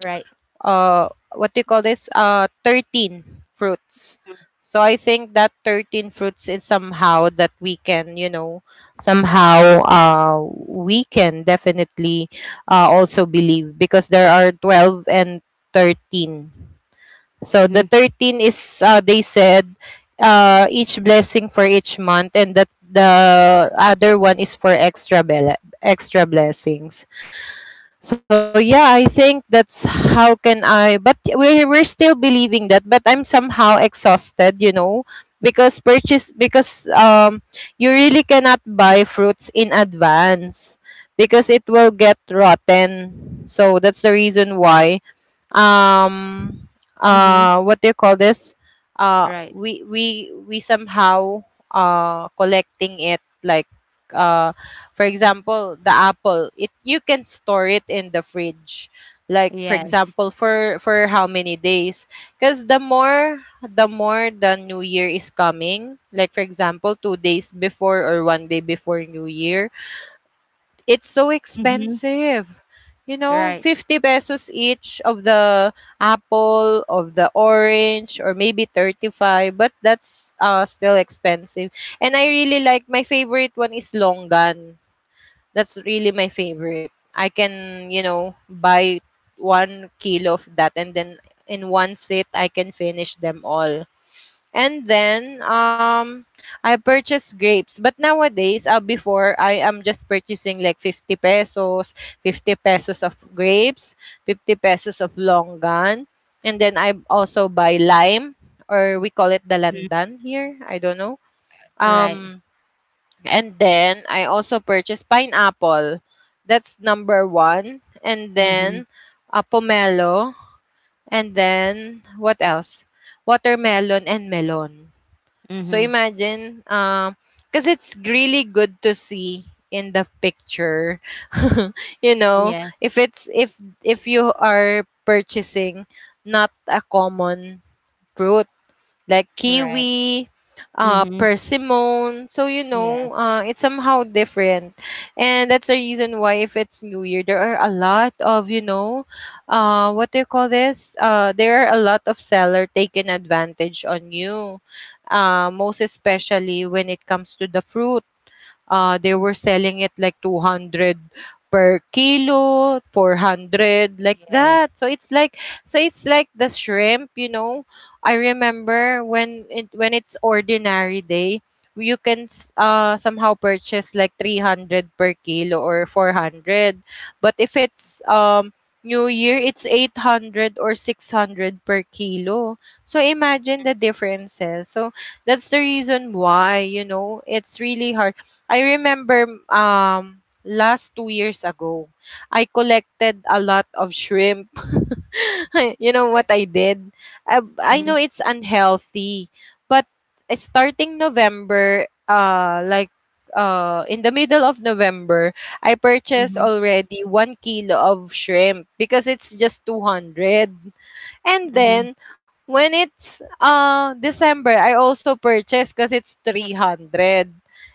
Right.
uh what do you call this uh thirteen fruits.
Mm.
So I think that thirteen fruits is somehow that we can you know somehow uh we can definitely uh, also believe, because there are 12 and 13. So the
Mhm.
thirteen is uh, they said uh each blessing for each month, and that the other one is for extra bele- extra blessings. So yeah, I think that's how can I, but we're we're still believing that, but I'm somehow exhausted, you know, because purchase because um you really cannot buy fruits in advance because it will get rotten. So that's the reason why um
Mhm.
uh what do you call this uh
Right.
we we we somehow uh collecting it, like uh for example the apple, it you can store it in the fridge, like for
Yes.
example for for how many days, because the more the more the new year is coming, like for example two days before or one day before new year, it's so
Mhm.
expensive. You know,
Right.
fifty pesos each of the apple, of the orange, or maybe thirty-five, but that's uh, still expensive. And I really like, my favorite one is longan. That's really my favorite. I can, you know, buy one kilo of that and then in one sit, I can finish them all. And then um I purchase grapes. But nowadays, uh, before, I am just purchasing like fifty pesos, fifty pesos of grapes, fifty pesos of longan, and then I also buy lime, or we call it the
Mhm.
landan here. I don't know.
Right.
Um and then I also purchase pineapple. That's number one. And then
Mhm.
uh, pomelo, and then what else? Watermelon and melon. So
Mhm.
imagine, um, because it's really good to see in the picture. You know,
Yeah.
if it's if if you are purchasing not a common fruit, like
Right.
kiwi, uh,
Mhm.
persimmon. So you know,
Yes.
uh, it's somehow different, and that's the reason why if it's New Year, there are a lot of you know, uh, what do you call this? Uh, there are a lot of seller taking advantage on you, uh, most especially when it comes to the fruit. Uh, they were selling it like two hundred per kilo, four hundred, like
Yes.
that. So it's like, so it's like the shrimp, you know. I remember when it when it's ordinary day, you can s- uh somehow purchase like three hundred per kilo or four hundred. But if it's um New Year, it's eight hundred or six hundred per kilo. So imagine the differences. So that's the reason why, you know, it's really hard. I remember um last two years ago, I collected a lot of shrimp. You know what I
Right.
did? I, I know
Mhm.
it's unhealthy, but it's starting November, uh, like uh, in the middle of November, I purchased
Mhm.
already one kilo of shrimp because it's just two hundred. And
Mhm.
then when it's uh December, I also purchased because it's three hundred,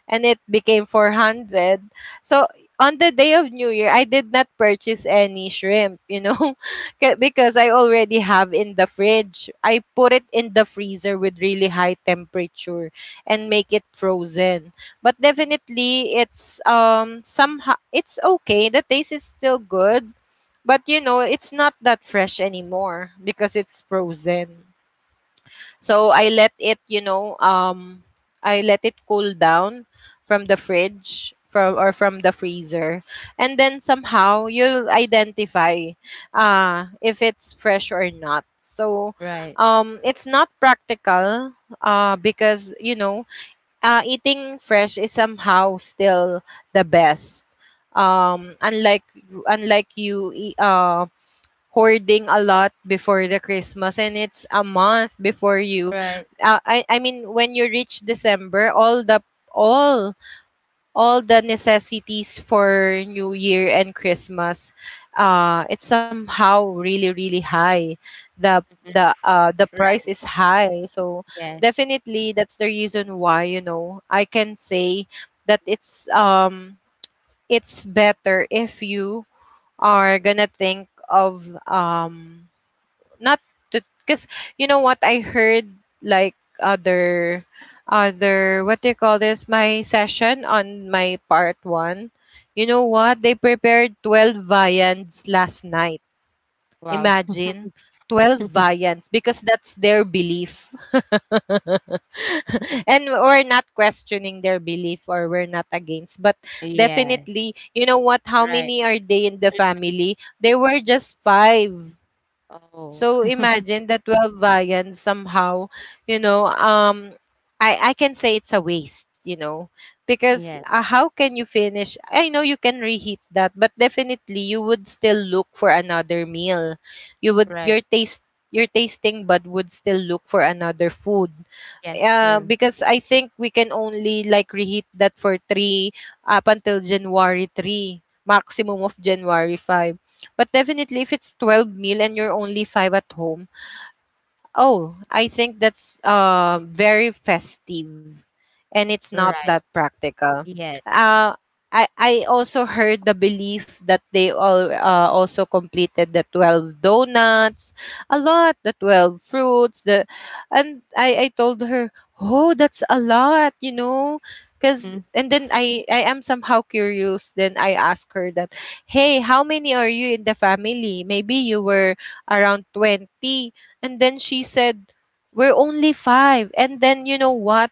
and it became four hundred. So on the day of New Year, I did not purchase any shrimp, you know. 'Ca- because I already have in the fridge. I put it in the freezer with really high temperature and make it frozen. But definitely it's um somehow it's okay. The taste is still good, but you know, it's not that fresh anymore because it's frozen. So I let it, you know, um I let it cool down from the fridge from, or from the freezer. And then somehow you'll identify uh if it's fresh or not. So
Right.
um it's not practical uh because you know, uh eating fresh is somehow still the best. Um unlike, unlike you e- uh hoarding a lot before the Christmas, and it's a month before you
Right.
uh, I I mean when you reach December, all the all all the necessities for New Year and Christmas, uh it's somehow really really high, the
Mhm.
the uh the price
Right.
is high. So
Yeah.
definitely that's the reason why you know I can say that it's um it's better if you are gonna think of um not to, because you know what I heard, like other other, what do you call this, my session on my part one, you know what, they prepared twelve viands last night.
Wow.
Imagine, twelve viands because that's their belief. And we're not questioning their belief or we're not against, but
Yeah.
definitely you know what, how
Right.
many are they in the family? They were just five.
Oh.
So imagine, the twelve variants somehow, you know, um I I can say it's a waste, you know, because
Yeah.
uh, how can you finish? I know you can reheat that, but definitely you would still look for another meal. You would, your
Right.
taste your tasting bud would still look for another food,
Yes,
uh,
true.
because I think we can only like reheat that for three, up until January three, maximum of January five. But definitely, if it's twelve meal and you're only five at home, oh, I think that's uh, very festive, and it's not that
Right.
practical.
Yes.
Uh, I, I also heard the belief that they all uh, also completed the twelve donuts, a lot, the twelve fruits. The, and I, I told her, oh, that's a lot, you know. Cause,
Mhm.
and then I, I am somehow curious. Then I asked her that, hey, how many are you in the family? Maybe you were around twenty. And then she said, "We're only five." And then you know what?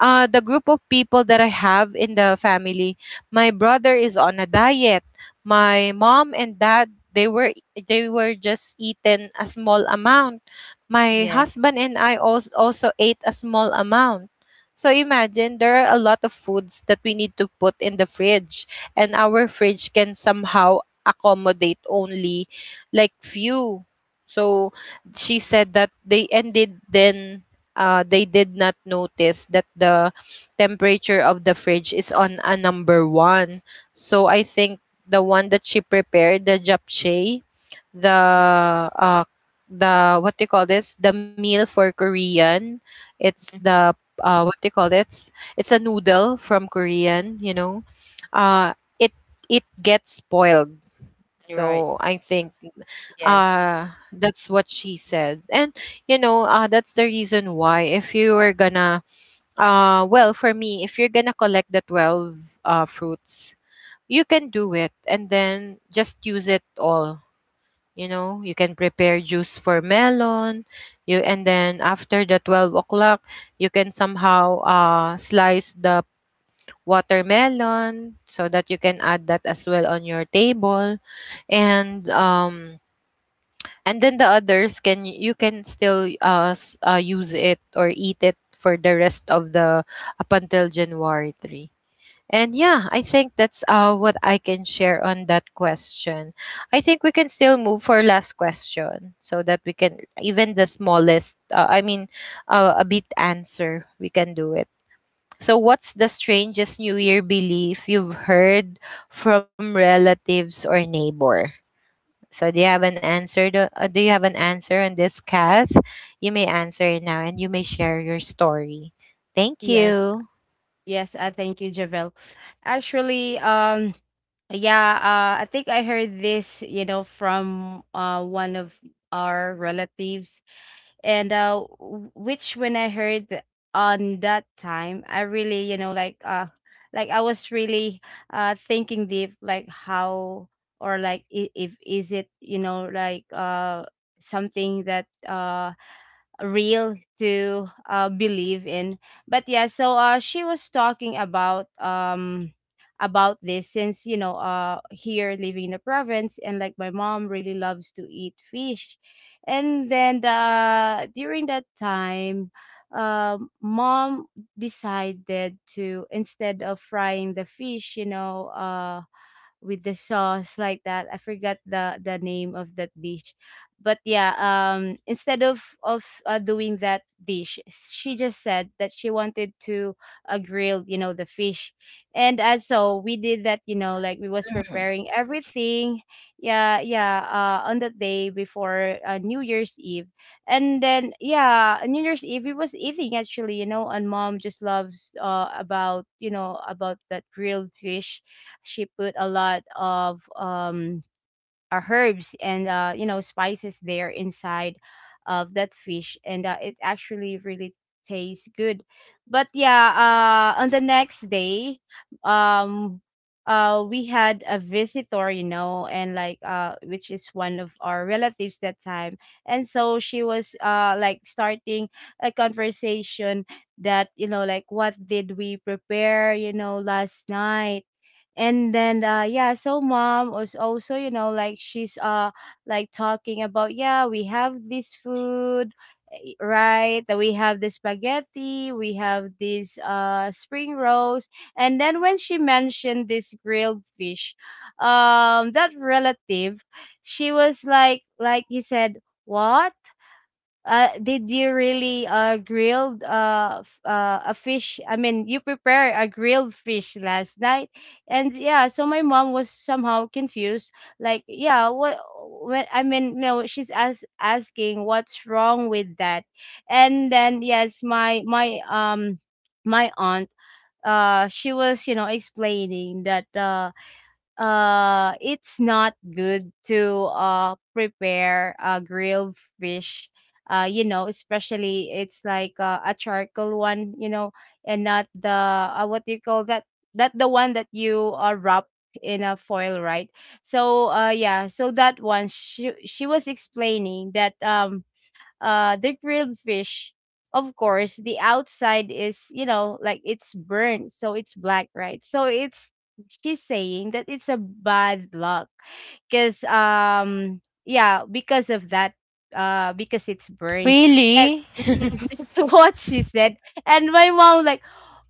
uh, the group of people that I have in the family. My brother is on a diet. My mom and dad, they were they were just eaten a small amount. My
Yes.
husband and I also also ate a small amount. So imagine, there are a lot of foods that we need to put in the fridge, and our fridge can somehow accommodate only like few. So she said that they ended then uh, they did not notice that the temperature of the fridge is on a number one. So I think the one that she prepared, the japchae, the
Mhm.
uh, the what do you call this? The meal for Korean. It's the uh, what do you call this? It's a noodle from Korean. You know, uh, it it gets spoiled.
You're
So
right.
I think
Yes.
uh that's what she said, and you know uh that's the reason why if you were gonna uh well, for me, if you're gonna collect the twelve uh fruits, you can do it and then just use it all. You know, you can prepare juice for melon you, and then after the twelve o'clock you can somehow uh slice the watermelon so that you can add that as well on your table. And um and then the others, can you can still uh, s- uh use it or eat it for the rest of the up until January third. And yeah, I think that's uh what I can share on that question. I think we can still move for last question so that we can even the smallest uh, I mean uh, a bit answer we can do it. So what's the strangest new year belief you've heard from relatives or neighbor? So do you have an answer? Do uh, do you have an answer on this, Kath? You may answer it now, and you may share your story. Thank
Yes.
you.
Yes, uh, thank you, Javel. Actually, um, yeah, uh, I think I heard this, you know, from uh one of our relatives, and uh, w- which, when I heard th- on that time, I really, you know, like, uh, like I was really uh thinking deep, like how, or like i- if is it, you know, like, uh something that uh real to, uh, believe in. But yeah, so uh, she was talking about, um about this, since you know uh here living in the province, and like my mom really loves to eat fish. And then uh during that time, um mom decided to, instead of frying the fish, you know uh with the sauce like that. I forgot the the name of that dish, but yeah. Um, instead of of uh, doing that dish, she just said that she wanted to, uh, grill, you know, the fish, and as so we did that. You know, like we was
Mhm.
preparing everything. Yeah, yeah. Uh, on the day before, uh, New Year's Eve, and then, yeah, New Year's Eve we was eating, actually. You know, and mom just loves, uh about, you know about that grilled fish. She put a lot of, um uh, herbs and uh you know spices there inside of that fish, and uh, it actually really tastes good. But yeah, uh on the next day, um uh we had a visitor, you know and like, uh which is one of our relatives that time, and so she was, uh like, starting a conversation that, you know like, what did we prepare, you know last night. And then uh yeah, so mom was also, you know like, she's uh like talking about, yeah, we have this food, eh, right, that we have the spaghetti, we have this uh spring rolls. And then when she mentioned this grilled fish, um that relative, she was like like he said, what, uh, did you really uh grilled, uh, f- uh a fish? I mean, you prepare a grilled fish last night, and yeah. So my mom was somehow confused. Like, yeah, what? When, I mean, no, she's as asking what's wrong with that, and then yes, my my um my aunt, uh she was, you know explaining that, uh uh it's not good to uh prepare a grilled fish, uh you know especially it's like, uh, a charcoal one, you know and not the, uh, what do you call that, that, the one that you, uh, wrap in a foil, right. So, uh yeah, so that one, she she was explaining that, um uh the grilled fish, of course, the outside is, you know like, it's burnt, so it's black, right, so it's, she's saying that it's a bad luck, because, um yeah because of that, uh because it's burned. And
Really?
that's what she said. And my mom, like,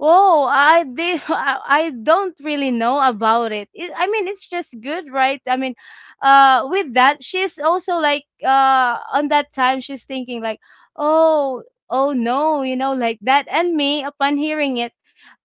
oh, I did. i I don't really know about it. it I mean, it's just good, right? I mean, uh with that, she's also like, uh on that time, she's thinking, like, oh. Oh, no, you know like that. And me, upon hearing it,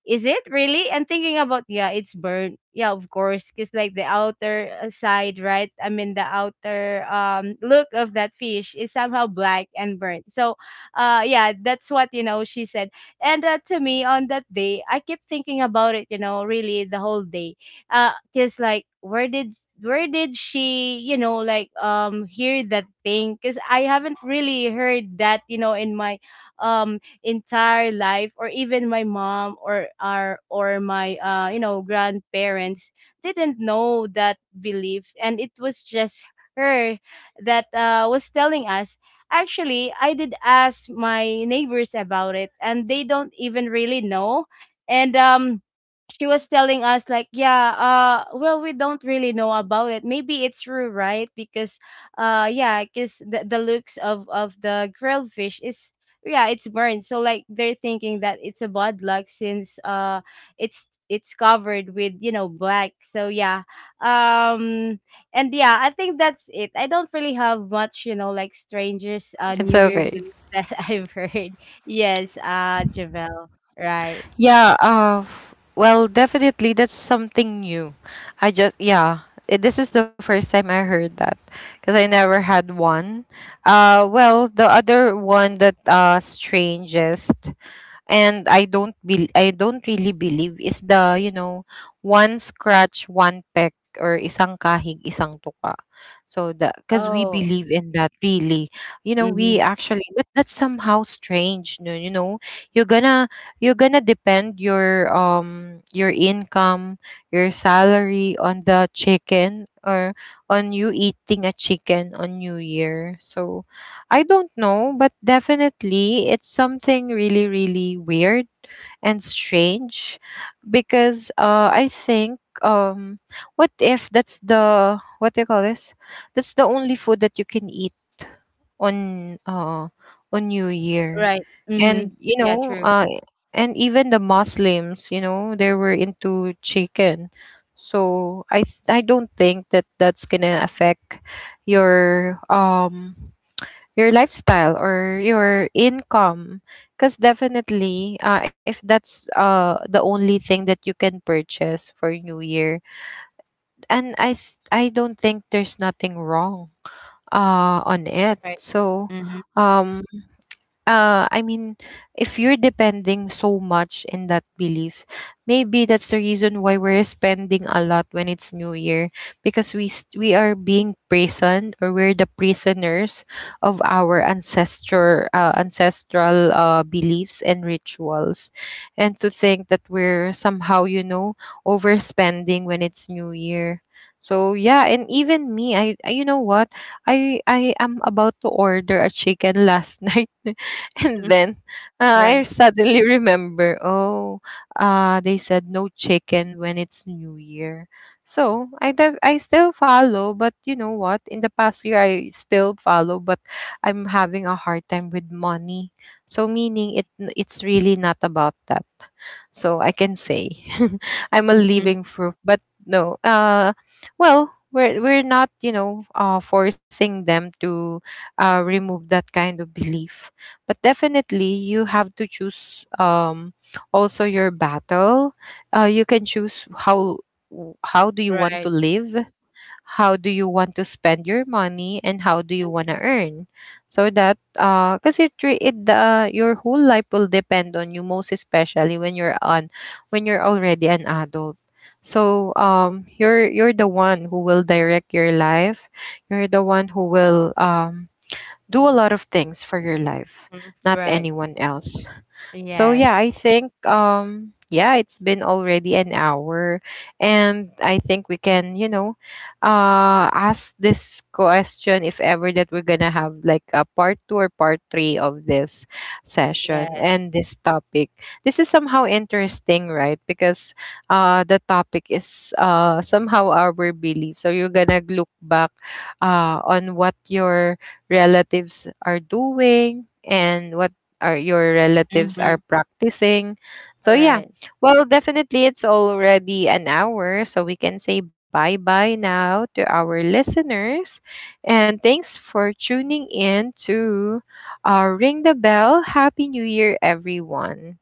is it really? And thinking about, yeah, it's burnt. Yeah, of course, because like the outer, uh, side, right? I mean, the outer um look of that fish is somehow black and burnt. So, uh, yeah, that's what you know she said. And uh, to me, on that day, I kept thinking about it. You know, really the whole day. Uh, because like, where did where did she, you know like, um hear that thing, because I haven't really heard that, you know in my um entire life, or even my mom, or our or my uh you know grandparents didn't know that belief, and it was just her that, uh, was telling us. Actually, I did ask my neighbors about it, and they don't even really know. And um she was telling us, like, yeah, uh well, we don't really know about it, maybe it's true, right, because, uh yeah, because the, the looks of of the grilled fish is, yeah, it's burned, so like they're thinking that it's a bad luck, since, uh it's it's covered with, you know black, so yeah. um and yeah, I think that's it. I don't really have much, you know like, strangers uh
It's
new year
okay.
belief that I've heard. Yes, uh Javel, right.
Yeah, uh, well, definitely that's something new. I just yeah, it, this is the first time I heard that because I never had one. Uh, well, the other one that uh strangest and I don't be I don't really believe is the, you know, one scratch, one peck or isang kahig, isang tuka. So the because we
Oh.
believe in that really. You know,
Hmm.
we actually but that's somehow strange, no, you know. You're gonna you're gonna depend your um your income, your salary on the chicken or on you eating a chicken on New Year. So I don't know, but definitely it's something really, really weird and strange because uh, I think um what if that's the what do you call this? That's the only food that you can eat on uh on New Year.
Right. Hmm.
And you
Yeah,
know,
true.
uh and even the Muslims, you know, they were into chicken. So I th- I don't think that that's gonna affect your um your lifestyle or your income because definitely uh, if that's uh, the only thing that you can purchase for new year and I th- I don't think there's nothing wrong uh, on it
Right.
so
Mm-hmm.
um uh I mean if you're depending so much in that belief maybe that's the reason why we're spending a lot when it's new year because we s- we are being prisoned or we're the prisoners of our ancestor uh, ancestral uh, beliefs and rituals and to think that we're somehow you know overspending when it's new year so yeah and even me i I- you know what I I am about to order a chicken last night.
Mm-hmm.
And then uh,
Right.
I suddenly remember, oh, uh, they said no chicken when it's New Year. So I dev- I still follow, but you know what? In the past year, I still follow, but I'm having a hard time with money. So meaning it it's really not about that. So I can say I'm a
Hmm.
living proof, but no. Uh, well, we're we're not you know uh forcing them to uh remove that kind of belief but definitely you have to choose um also your battle uh you can choose how w- how do you want to
Right.
live, how do you want to spend your money, and how do you want to earn so that uh because it, re- it uh, your whole life will depend on you, most especially when you're on when you're already an adult so um you're you're the one who will direct your life, you're the one who will um do a lot of things for your life,
Hmm.
not
Right.
anyone else. So yeah,
Yes.
I think um yeah, it's been already an hour and I think we can, you know, uh ask this question if ever that we're going to have like a part two or part three of this session
Yes.
and this topic. This is somehow interesting, right? Because uh the topic is uh somehow our belief. So you're going to look back uh on what your relatives are doing and what or your relatives
Mm-hmm.
are practicing. So yeah,
Right.
well, definitely it's already an hour, so we can say bye bye now to our listeners. And thanks for tuning in to uh, Ring the Bell. Happy New Year, everyone.